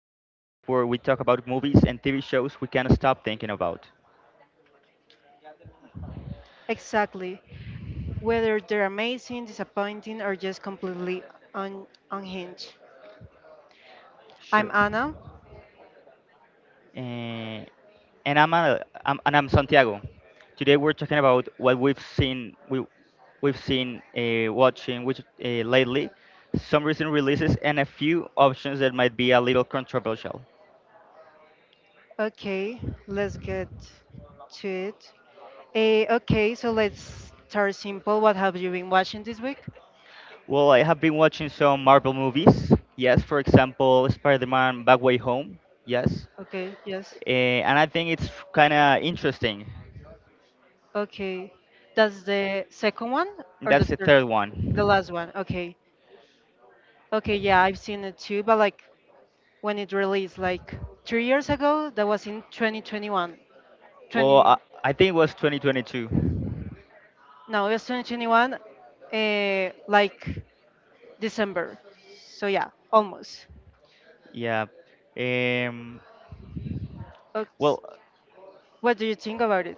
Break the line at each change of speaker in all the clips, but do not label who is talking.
the podcast where we talk about movies and TV shows we can't stop thinking about.
Exactly. Whether they're amazing, disappointing, or just completely unhinged. I'm
Sure.
Anna.
Eh, and I'm, uh, and I'm Santiago. Today we're talking about what we've seen we we've seen watching which lately, some recent releases and a few options that might be a little controversial.
Okay, let's get to it. Okay, so let's start simple. What have you been watching this week?
Well, I have been watching some Marvel movies. Yes, for example, Spider-Man: Back Way Home. Yes,
Okay, yes.
and I think it's kind of interesting.
Okay, that's the second one or the
That's the
third?
third
The
one.
last one. Okay. Okay, yeah, I've seen it too, but like when it released, like 3 years ago, that was in 2021.
Well,
20.
I, I think it was 2022.
Now, it 2021, like December. So yeah, almost.
Yeah. Um.
Ox-
Well.
What do you think about it?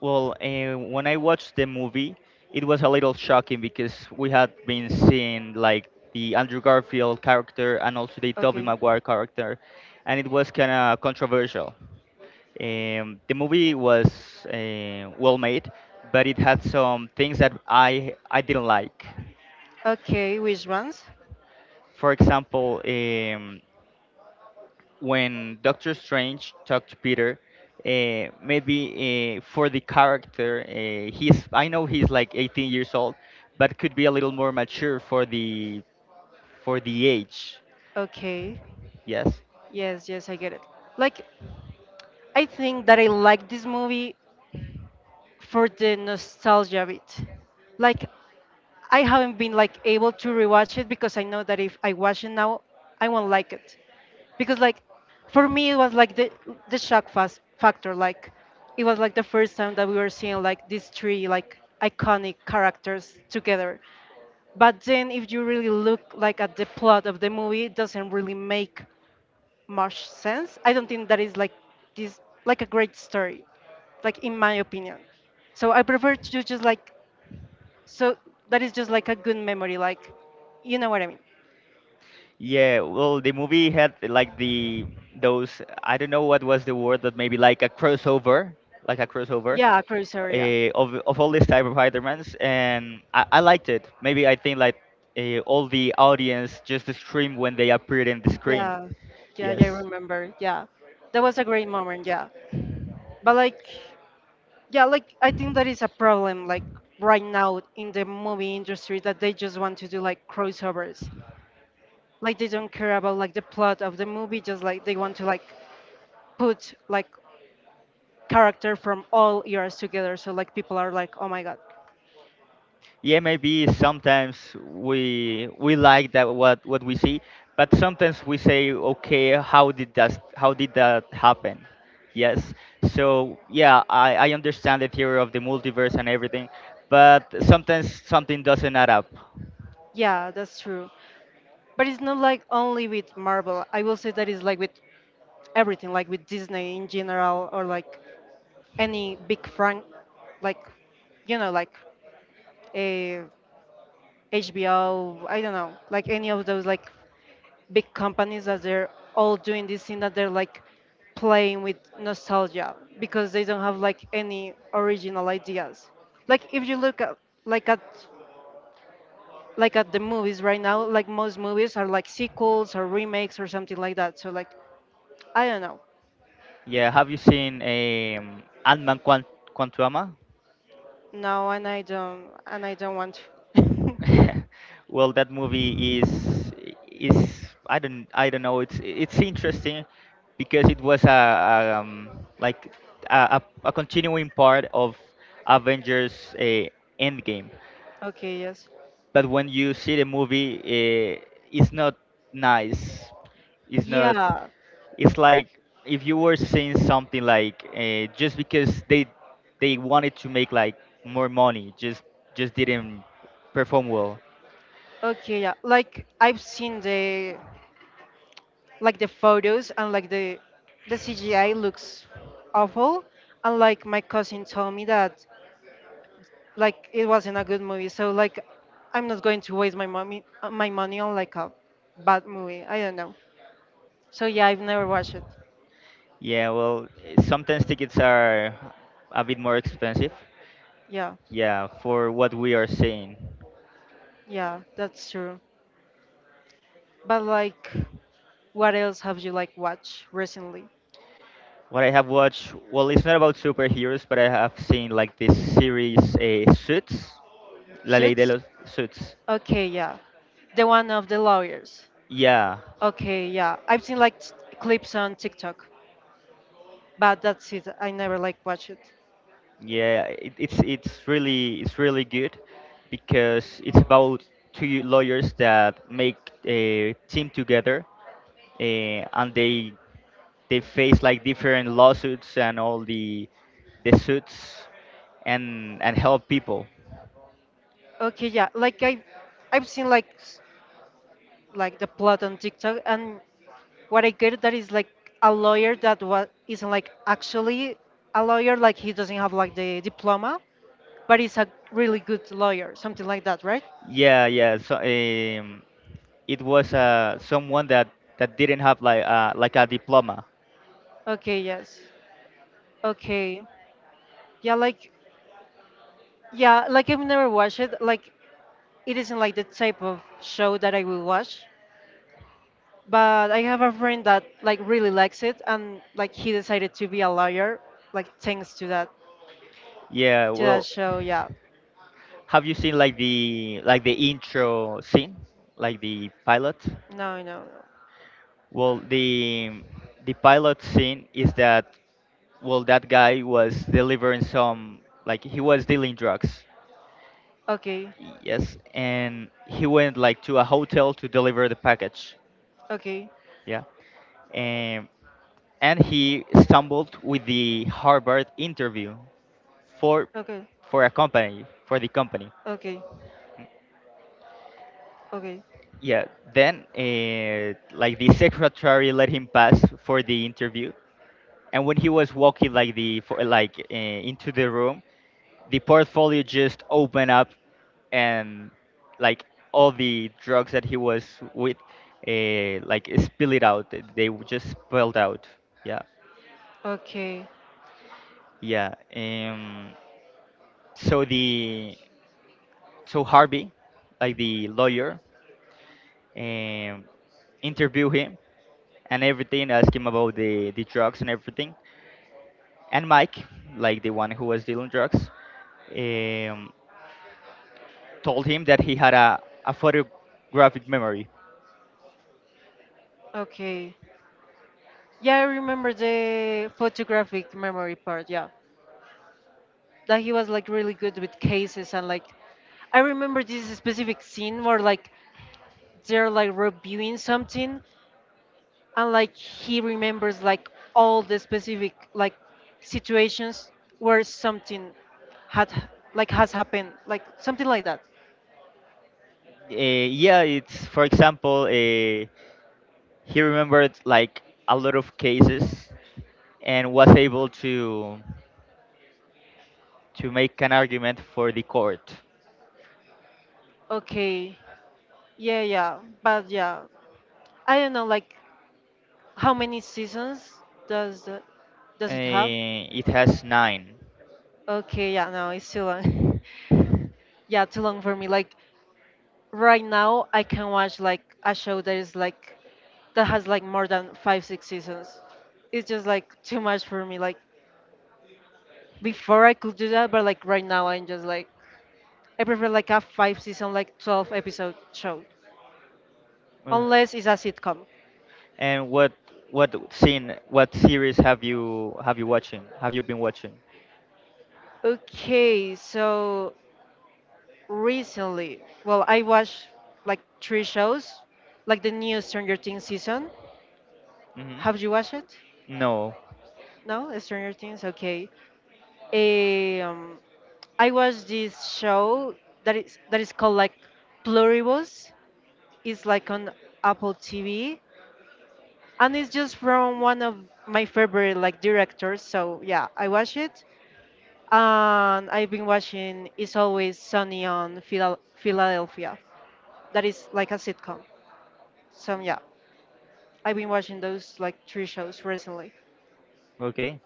When I watched the movie, it was a little shocking because we had been seeing like the Andrew Garfield character and also the Tobey
Okay.
Maguire character, and it was kind of controversial. The movie was well made, but it had some things that I didn't like.
Okay, which ones?
For example, when Doctor Strange talked to Peter, maybe for the character, he's, I know he's like 18 years old, but could be a little more mature for the age.
Okay.
Yes.
Yes, yes, I get it. Like, I think that I like this movie for the nostalgia bit. Like, I haven't been like able to rewatch it because I know that if I watch it now, I won't like it because like for me it was like the shock fast factor. Like it was like the first time that we were seeing like these three like iconic characters together. But then if you really look like at the plot of the movie, it doesn't really make much sense. I don't think that is like this like a great story, like in my opinion. So I prefer to just like so that is just like a good memory, like, you know what I mean?
Yeah. Well, the movie had like the those I don't know what was the word, that maybe like a crossover, like a crossover
Yeah, Cruiser, yeah.
uh, of all these type of Spider-Mans, and I liked it. Maybe I think like all the audience just screamed when they appeared in the screen.
Yeah, yeah, yeah, I
Yes.
remember. Yeah, that was a great moment. Yeah, but like, yeah, like I think that is a problem like right now in the movie industry that they just want to do like crossovers. Like they don't care about like the plot of the movie, just like they want to like put like character from all eras together. So like people are like, oh my god,
Yeah, maybe sometimes we like that what we see, but sometimes we say, okay, how did that happen? Yes. So yeah, I understand the theory of the multiverse and everything, but sometimes something doesn't add up.
yeah, that's true. But it's not like only with Marvel. I will say that it's like with everything, like with Disney in general, or like any big frank, like like a HBO. I don't know, like any of those like big companies that they're all doing this thing that they're like playing with nostalgia because they don't have like any original ideas. Like if you look at like at like at the movies right now, like most movies are like sequels or remakes or something like that. So like I don't know.
Yeah. Have you seen Quantumania?
No, and I don't want to.
Well, that movie is I don't know. It's interesting because it was a like a continuing part of Avengers Endgame.
Okay, yes.
But when you see the movie, it's not nice. It's not.
Yeah.
It's like if you were seeing something like just because they wanted to make like more money, just didn't perform well.
Okay, yeah. Like I've seen the like the photos and like the CGI looks awful, and like my cousin told me that like it wasn't a good movie. So like I'm not going to waste my money on like a bad movie. I don't know. So yeah, I've never watched it.
Yeah, well, sometimes tickets are a bit more expensive.
Yeah.
Yeah, for what we are seeing.
Yeah, that's true. But like what else have you like watched recently?
What I have watched, well, it's not about superheroes, but I have seen like this series, Suits, La Ley de
Suits?
los Suits.
Okay, yeah. The one of the lawyers.
Yeah,
Okay, yeah. I've seen like clips on TikTok, but that's it. I never like watch it.
yeah, it, it's really good because it's about two lawyers that make a team together, and they face like different lawsuits and all the suits and help people.
Okay, yeah. Like I've seen like like the plot on TikTok, and what I get that is like a lawyer that what not like actually a lawyer like he doesn't have like the diploma, but he's a really good lawyer, something like that, right?
Yeah, yeah. So it was someone that didn't have like a diploma.
Okay, yes. Okay. Yeah, like yeah, like I've never watched it. Like it isn't like the type of show that I will watch. But I have a friend that like really likes it, and like he decided to be a lawyer, like thanks to that
Yeah.
to that
Well,
show. Yeah.
have you seen like the intro scene, like the pilot?
No, no, no.
Well, the pilot scene is that, well, that guy was delivering some, like he was dealing drugs.
Okay,
Yes, and he went like to a hotel to deliver the package.
okay,
Yeah. and and he stumbled with the Harvard interview for
okay,
for a company, for the company.
okay, okay,
Yeah, then like the secretary let him pass for the interview, and when he was walking like into the room, the portfolio just opened up and like all the drugs that he was with like spill it out th- they w- just spilled out, yeah.
okay,
Yeah. So the so Harvey, like the lawyer, um interview him and everything, ask him about the drugs and everything, and Mike, like the one who was dealing drugs, um told him that he had a photographic memory.
okay. Yeah, I remember the photographic memory part. Yeah, that he was like really good with cases, and like I remember this specific scene where like they're like reviewing something, and like he remembers like all the specific like situations where something had like has happened, like something like that.
Uh, yeah, it's, for example, he remembered like a lot of cases and was able to make an argument for the court.
Okay. Yeah, yeah, but yeah, I don't know, like how many seasons does the, does it have?
It has nine.
Okay, yeah, no, it's too long. Yeah, too long for me. Like right now, I can watch like a show that is like that has like more than 5 6 seasons. It's just like too much for me. Like before I could do that, but like right now, I'm just like I prefer like a five season, like 12 episode show,
Well,
unless it's a sitcom.
And what series have you been watching?
Okay, so recently, well, I watched like three shows, like the new Stranger Things season.
Hmm.
Have you watched it?
No.
No, Stranger Things. Okay. Um, I watched this show that is called like Pluribus. It's like on Apple TV, and it's just from one of my favorite like directors. So yeah, I watch it, and I've been watching "It's Always Sunny on Philadelphia." That is like a sitcom. So yeah, I've been watching those like three shows recently.
Okay.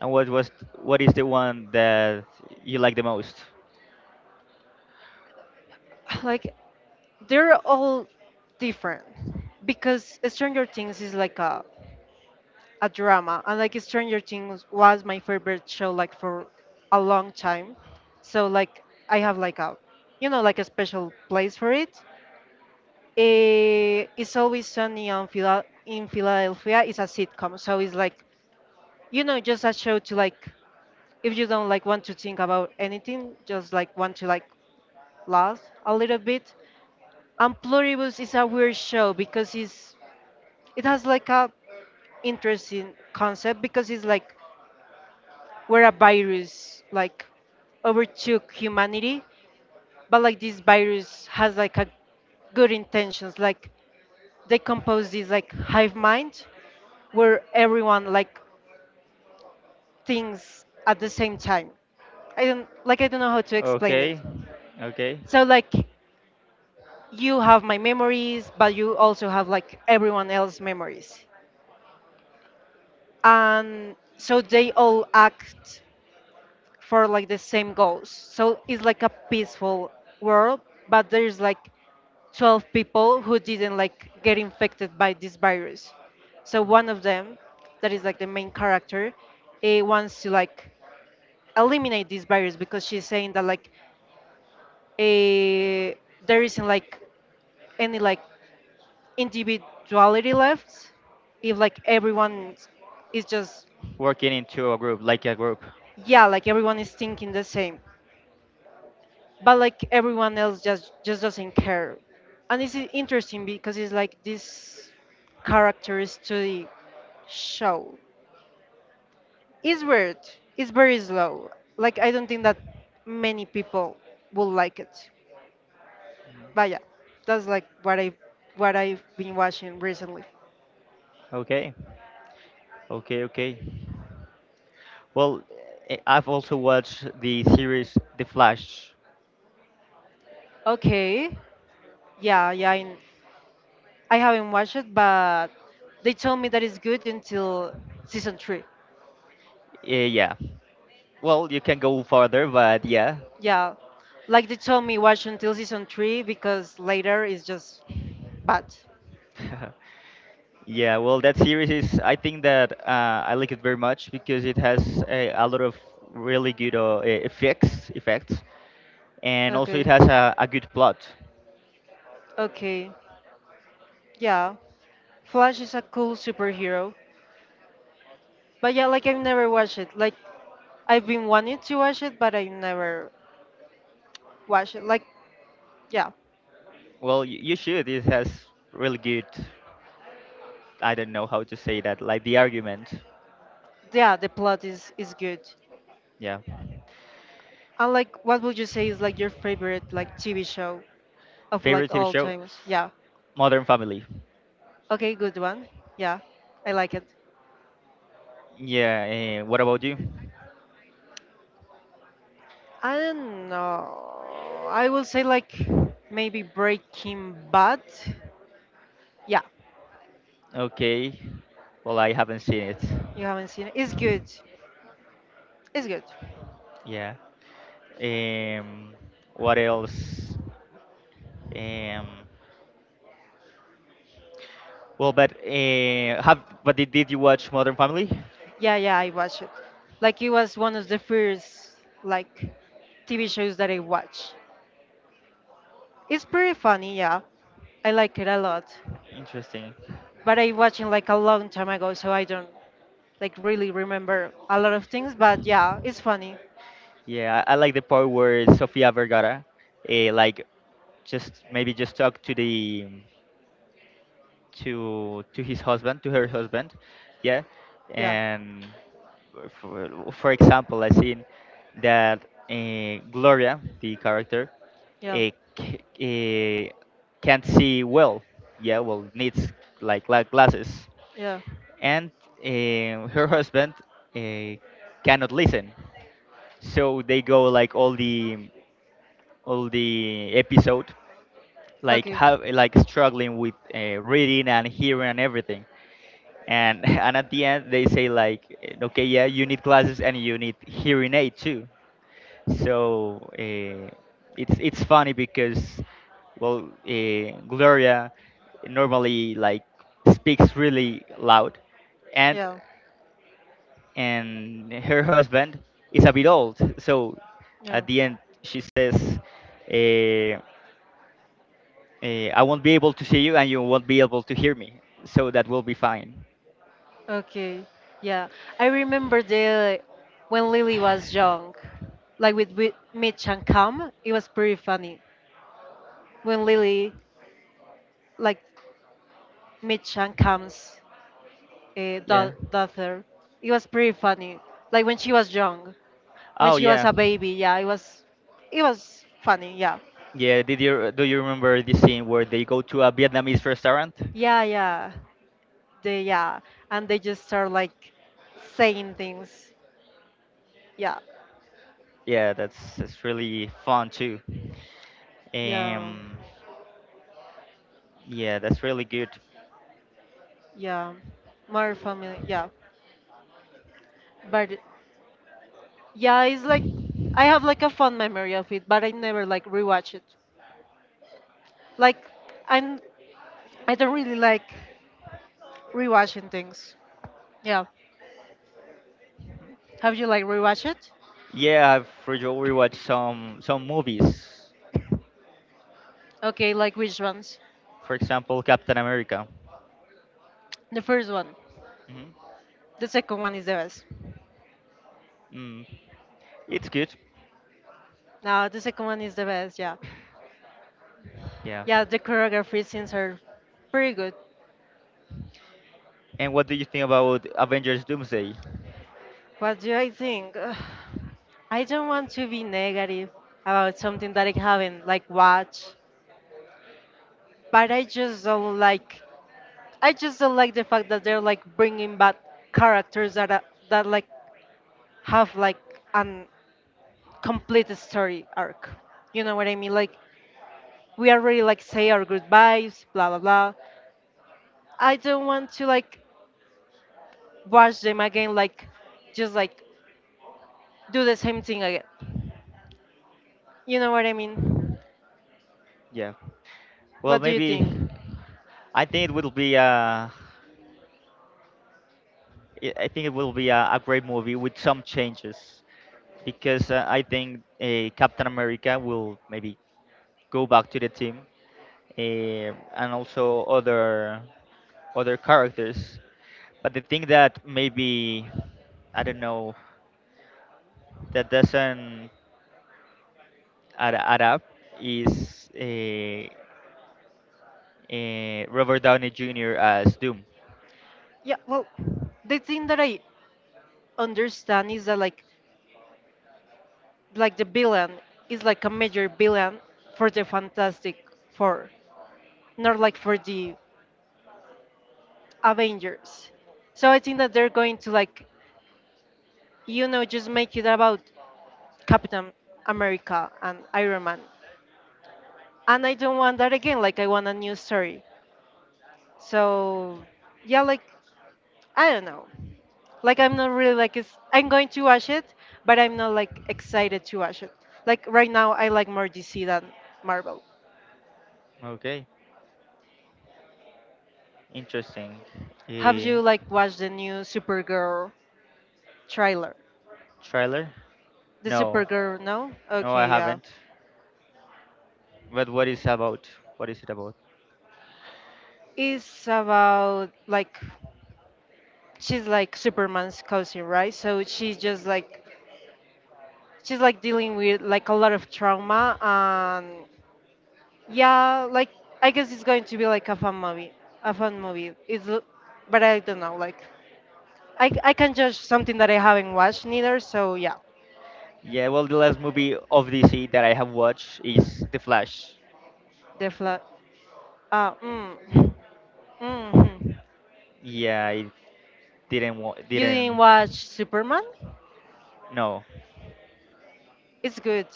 And what is the one that you like the most?
Like they're all different because Stranger Things is like a drama, and like Stranger Things was my favorite show like for a long time. So like I have like a you know like a special place for it. It's always sunny on in Philadelphia. It's a sitcom, so it's like you know, just a show to like if you don't like want to think about anything, just like want to like laugh a little bit. And Pluribus is a weird show because it has like a interesting concept because it's like where a virus like overtook humanity, but like this virus has like a good intentions, like they compose this like hive mind where everyone like thinks at the same time. I don't like I don't know how to explain it.
Okay. Okay.
So like you have my memories, but you also have like everyone else's memories. And so they all act for like the same goals. So it's like a peaceful world, but there's like 12 people who didn't like get infected by this virus. So one of them, that is like the main character, he wants to like eliminate these barriers because she's saying that like a there isn't like any like individuality left if like everyone is just
Working into a group, like a group.
yeah like everyone is thinking the same, but like everyone else just doesn't care. And it's interesting because it's like this character study show. It's weird. It's very slow. Like I don't think that many people will like it. But yeah, that's like what I've been watching recently.
Okay. Okay, okay. Well, I've also watched the series The Flash.
Okay. Yeah, yeah. I haven't watched it, but they told me that it's good until season three.
Yeah. Well, you can go further, but yeah.
Yeah, like they told me watch until season three because later it's just bad.
Yeah, well, that series is, I think that I like it very much because it has a lot of really good effects, and also it
Okay.
has a good plot.
Okay. Yeah. Flash is a cool superhero. But yeah, like I've never watched it. Like I've been wanting to watch it, but I never watched it. Like yeah.
Well, you should. It has really good, I don't know how to say that, like the argument.
Yeah, the plot is good.
Yeah.
And like, what would you say is like your favorite like TV show of
Favorite
like
TV
all
show?
times? Yeah.
Modern Family.
Okay, good one. Yeah, I like it.
Yeah, and what about you?
I don't know. I will say like maybe Breaking Bad. Yeah,
Okay. Well, I haven't seen it.
you haven't seen it. It's good. It's good.
Yeah. Um, what else? Um, well, but did you watch Modern Family?
Yeah, yeah, I watched it. Like it was one of the first like TV shows that I watched. It's pretty funny. Yeah, I like it a lot.
Interesting.
But I watched it like a long time ago, so I don't like really remember a lot of things. But yeah, it's funny.
Yeah, I like the part where Sofia Vergara, like just maybe just talk to the to his husband, to her husband yeah,
Yeah,
and, for example, I seen that Gloria, the character,
yeah,
uh, c- uh, can't see well. Yeah, well, needs like glasses,
yeah.
and her husband uh, cannot listen. So they go like all the episode, like
Okay.
have like struggling with reading and hearing and everything, and and at the end they say like, okay, yeah, you need glasses and you need hearing aid too. So it's funny because, well, Gloria normally like speaks really loud, and
Yeah,
and her husband is a bit old, so
yeah.
at the end she says, uh, I won't be able to see you and you won't be able to hear me, so that will be fine.
Okay. Yeah. I remember the when Lily was young, like with Mitch and Cam, it was pretty funny. When Lily, like Mitch and Cam's
Yeah.
daughter, it was pretty funny. Like when she was young, when
Oh
she was
yeah,
a baby, yeah, it was funny. Yeah.
yeah. Did you do you remember the scene where they go to a Vietnamese restaurant?
Yeah, yeah. They yeah, and they just start like saying things. Yeah.
Yeah, that's really fun too.
Yeah.
Um, yeah, that's really good.
Yeah. More family. Yeah. But yeah, it's like I have like a fond memory of it, but I never like rewatch it. Like I'm I don't really like rewatching things. Yeah. Have you like rewatched it?
Yeah, I've rewatched some movies.
Okay, like which ones?
For example, Captain America.
The first one.
Hmm.
The second one is the best.
Mm. It's good.
No, the second one is the best, yeah.
Yeah.
Yeah, the choreography scenes are pretty good.
And what do you think about Avengers Doomsday?
What do I think? Ugh, I don't want to be negative about something that I haven't like watched, but I just don't like the fact that they're like bringing back characters that are, that like have like an complete story arc. You know what I mean? Like we already like say our goodbyes, blah blah blah. I don't want to like watch them again. Like just like do the same thing again. You know what I mean?
Yeah. Well,
What do you
maybe
think?
I think it will be a great movie with some changes because I think Captain America will maybe go back to the team, and also other characters. But the thing that maybe I don't know, that doesn't add up is Robert Downey Jr. as Doom.
Yeah. Well, the thing that I understand is that like the villain is like a major villain for the Fantastic Four, not like for the Avengers. So I think that they're going to like, you know, just make it about Captain America and Iron Man. And I don't want that again. Like I want a new story. So yeah, like I don't know. Like I'm not really like I'm going to watch it, but I'm not like excited to watch it. Like right now, I like more DC than Marvel.
Okay, interesting.
Have
Uh,
you like watched the new Supergirl trailer?
Trailer?
The
No.
Supergirl, no?
No, I
Okay, yeah.
haven't. But what is about? What is it about?
It's about like she's like Superman's cousin, right? So she's like dealing with like a lot of trauma and yeah, like I guess it's going to be like a fun movie, a fun movie. It's l- but I don't know, like I can judge something that I haven't watched neither. So yeah,
Yeah, well, the last movie of DC that I have watched is The Flash.
the flat. Mm, mm.
Yeah, I
You didn't
didn't,
watch Superman?
no.
It's good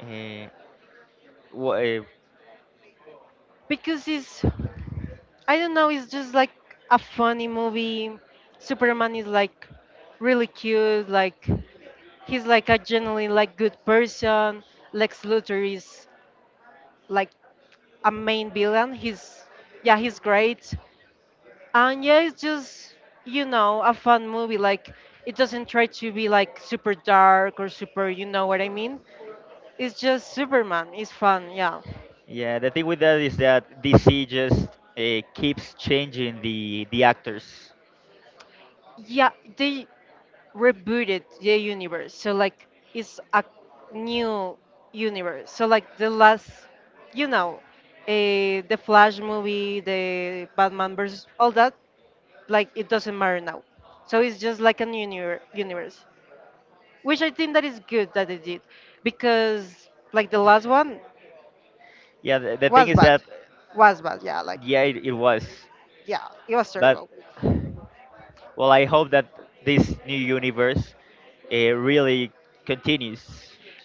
Uh, wha- uh,
because it's I don't know, it's just like a funny movie. Superman is like really cute, like he's like a genuinely like good person. Lex Luthor is like a main villain. He's yeah, he's great. And yeah, it's just a fun movie. Like it doesn't try to be like super dark or super, you know what I mean? It's just Superman. It's fun, yeah.
yeah, the thing with that is that DC just keeps changing the actors.
Yeah, they rebooted the universe. So like it's a new universe. So like the last, you know, the Flash movie, the Batman versus all that, like it doesn't matter now. So it's just like a new universe, which I think that is good that they did, because like the last one
Yeah, the thing
was
is
bad,
that,
was bad. Yeah, like
yeah, it was,
yeah, it was
but,
terrible.
well, I hope that this new universe really continues.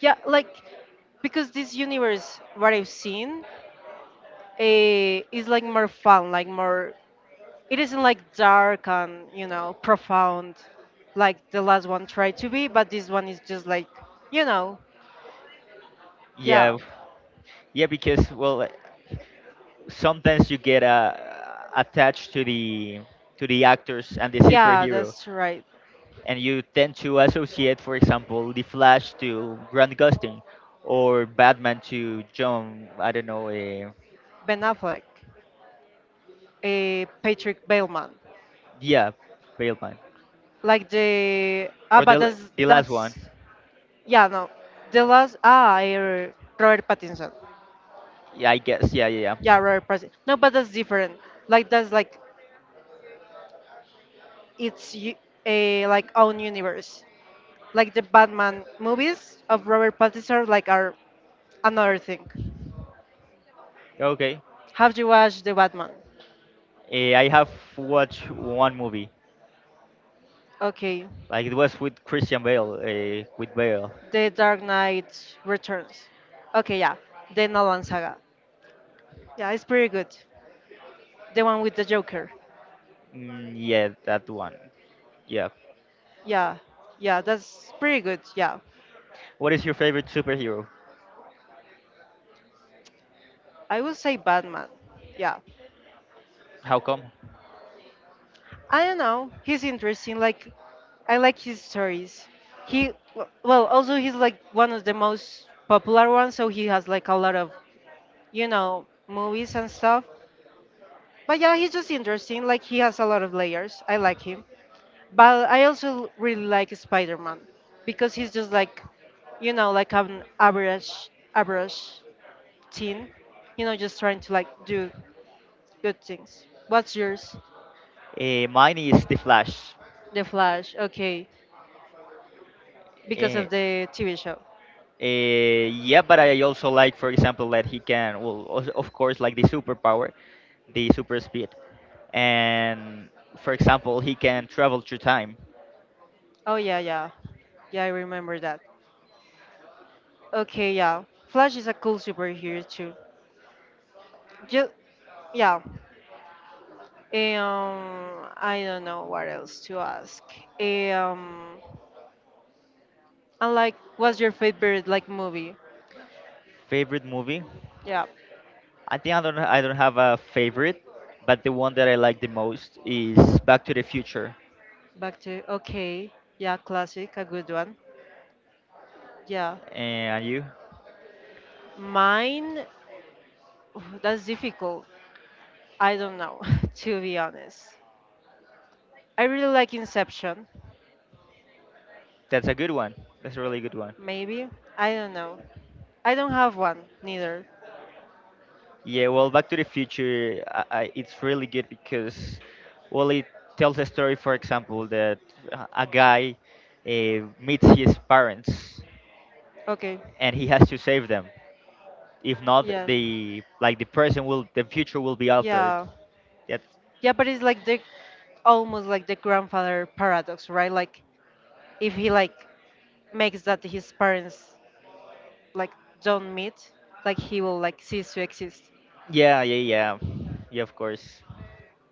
Yeah, like because this universe, what I've seen, is like more fun, like more it isn't like dark and profound like the last one tried to be, but this one is just like you know yeah.
Yeah. Yeah, because, well, sometimes you get attached to the actors and the
Yeah,
superhero,
that's right.
and you tend to associate, for example, the Flash to Grant Gustin, or Batman to John. I don't know.
Ben Affleck, a Patrick Bateman.
Yeah, Baleman,
like the ah
or the
but that's
the last
that's
one.
yeah, no, the last Robert Pattinson.
Yeah, I guess. Yeah, yeah, yeah.
Yeah, Robert Pattinson, no, but that's different. Like that's like it's a like own universe. Like the Batman movies of Robert Pattinson like are another thing.
Okay.
Have you watched The Batman?
I have watched one movie.
Okay.
Like it was with Christian Bale. With Bale.
The Dark Knight Returns. Okay, yeah. The Nolan Saga. Yeah, it's pretty good. The one with the Joker.
Mm, yeah, that one. Yeah.
Yeah. Yeah, that's pretty good. Yeah.
What is your favorite superhero?
I would say Batman. Yeah.
How come?
I don't know. He's interesting. Like, I like his stories. He, well, also he's like one of the most popular ones, so he has like a lot of, movies and stuff. But yeah, he's just interesting. Like he has a lot of layers. I like him. But I also really like Spider-Man because he's just like, like an average teen, just trying to like do good things. What's yours?
Mine is the Flash.
The Flash. Okay. Because
Uh,
of the TV show.
yeah, but I also like, for example, that he can, well, of course, like the superpower, the super speed, and, for example, he can travel through time.
Oh yeah, yeah. Yeah, I remember that. Okay, yeah. Flash is a cool superhero too. Just yeah. I don't know what else to ask. Um, and like, what's your favorite like movie?
Favorite movie?
Yeah,
I think I don't have a favorite, but the one that I like the most is Back to the Future.
back to, okay. Yeah, classic, a good one. Yeah,
Eh, And you?
mine. That's difficult. I don't know, to be honest. I really like Inception.
That's a good one. That's a really good one.
Maybe I don't know. I don't have one neither.
Yeah, well, Back to the Future, it's really good because, well, it tells a story, for example, that a guy meets his parents
Okay.
and he has to save them. If not,
Yeah.
the like the person will, the future will be altered.
Yeah.
That's
Yeah, but it's like the almost like the grandfather paradox, right? Like if he like makes that his parents like don't meet like he will like cease to exist.
Yeah, yeah, of course.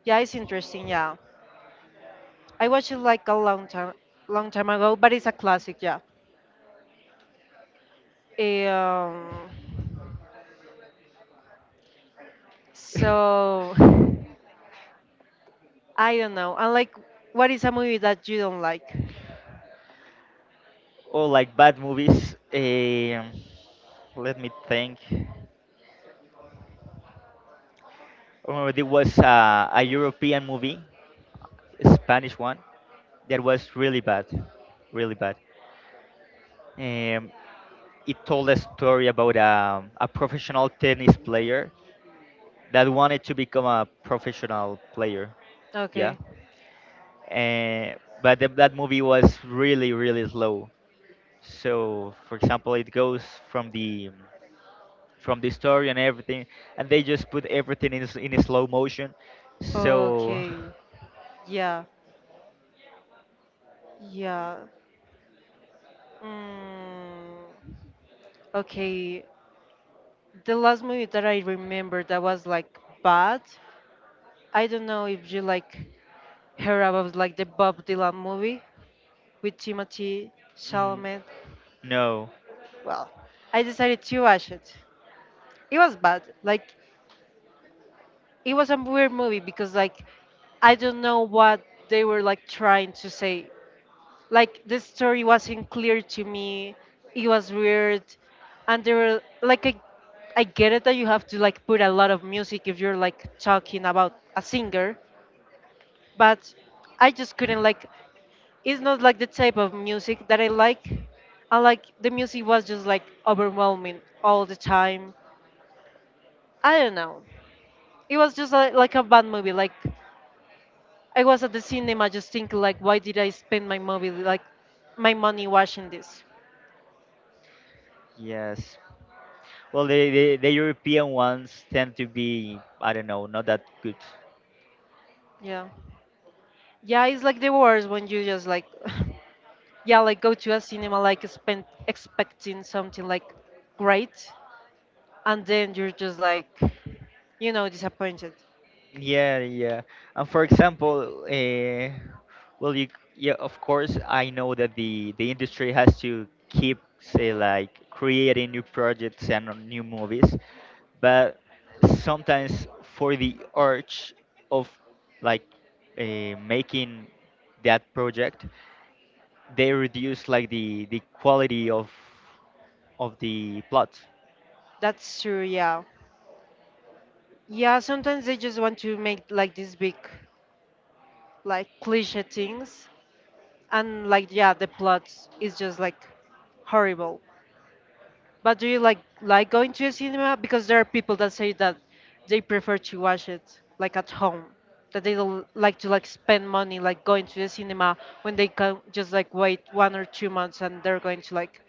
Yeah, it's interesting. Yeah, I watched it like a long time, long time ago, but it's a classic. Yeah. Eh, um, so I don't know, and like what is a movie that you don't like?
Oh, like bad movies. Let me think. I remember there was a European movie, Spanish one, that was really bad, really bad. Um, it told a story about a professional tennis player that wanted to become a professional player. Yeah,
Okay.
that movie was really really slow. So, for example, it goes from the story and everything, and they just put everything in a slow motion. So
Okay. Yeah. Yeah. Mm. Okay. The last movie that I remember that was like bad, I don't know if you like heard about like the Bob Dylan movie with Timothy
Mm,
Chalamet.
no.
Well, I decided to watch it. It was bad. Like it was a weird movie because like I don't know what they were like trying to say. Like the story wasn't clear to me. It was weird, and there were like I get it that you have to like put a lot of music if you're like talking about a singer, but I just couldn't like it's not like the type of music that I like. The music was just like overwhelming all the time. I don't know. It was just like a bad movie. Like I was at the cinema just thinking like, why did I spend my movie like my money watching this?
Yes. Well, the European ones tend to be, I don't know, not that good.
Yeah, yeah. It's like the worst when you just like, yeah, like go to a cinema like spend expecting something like great, and then you're just like, disappointed.
Yeah, yeah. And for example, well, you yeah, of course, I know that the industry has to keep say like creating new projects and new movies, but sometimes for the urge of like making that project, they reduce like the quality of the plot.
That's true. Yeah. Yeah, sometimes they just want to make like these big, like cliche things, and like yeah, the plot is just like horrible. But do you like going to a cinema? Because there are people that say that they prefer to watch it like at home, that they don't like to like spend money like going to the cinema when they can just like wait 1 or 2 months and they're going to like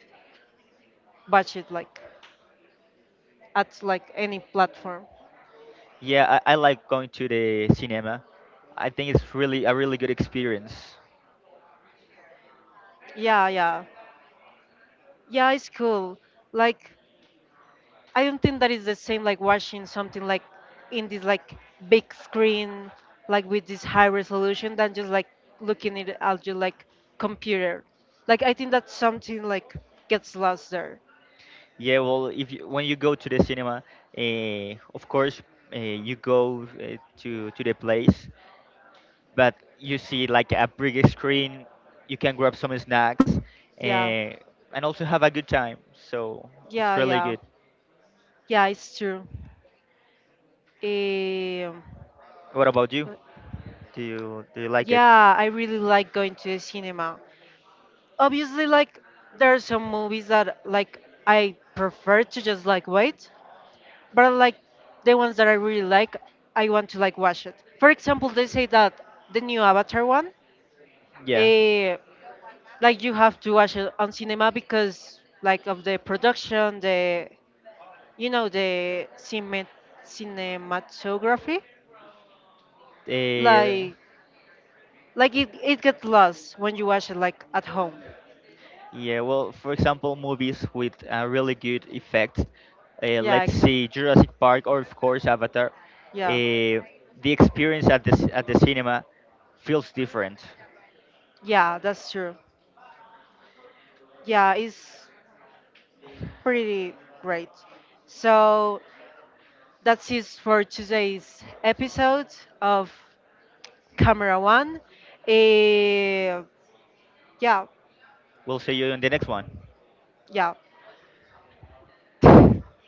watch it like at like any platform.
Yeah, I like going to the cinema. I think it's really a really good experience.
Yeah, yeah. Yeah, it's cool. Like I don't think that is the same like watching something like in this like big screen, like with this high resolution than just like looking it at your like computer. Like I think that something like gets lost there.
Yeah, well, if you, when you go to the cinema, of course, you go to the place, but you see like a big screen. You can grab some snacks
Yeah,
uh, and also have a good time. So it's
yeah,
really
yeah,
good.
yeah. It's true. Um,
What about you? Do you like it?
yeah, I really like going to the cinema. Obviously, like there are some movies that like I prefer to just like wait, but like the ones that I really like, I want to like watch it. For example, they say that the new Avatar one,
Yeah.
eh, like you have to watch it on cinema because like of the production, the you know the cinematography,
Uh,
like like it gets lost when you watch it like at home.
Yeah, well, for example, movies with really good effects.
Yeah,
Let's
exactly.
see, Jurassic Park or of course Avatar.
Yeah,
Uh, the experience at the cinema feels different.
yeah, that's true. Yeah, it's pretty great. So that's it for today's episode of Camera One. Eh, yeah,
We'll see you in the next one.
yeah.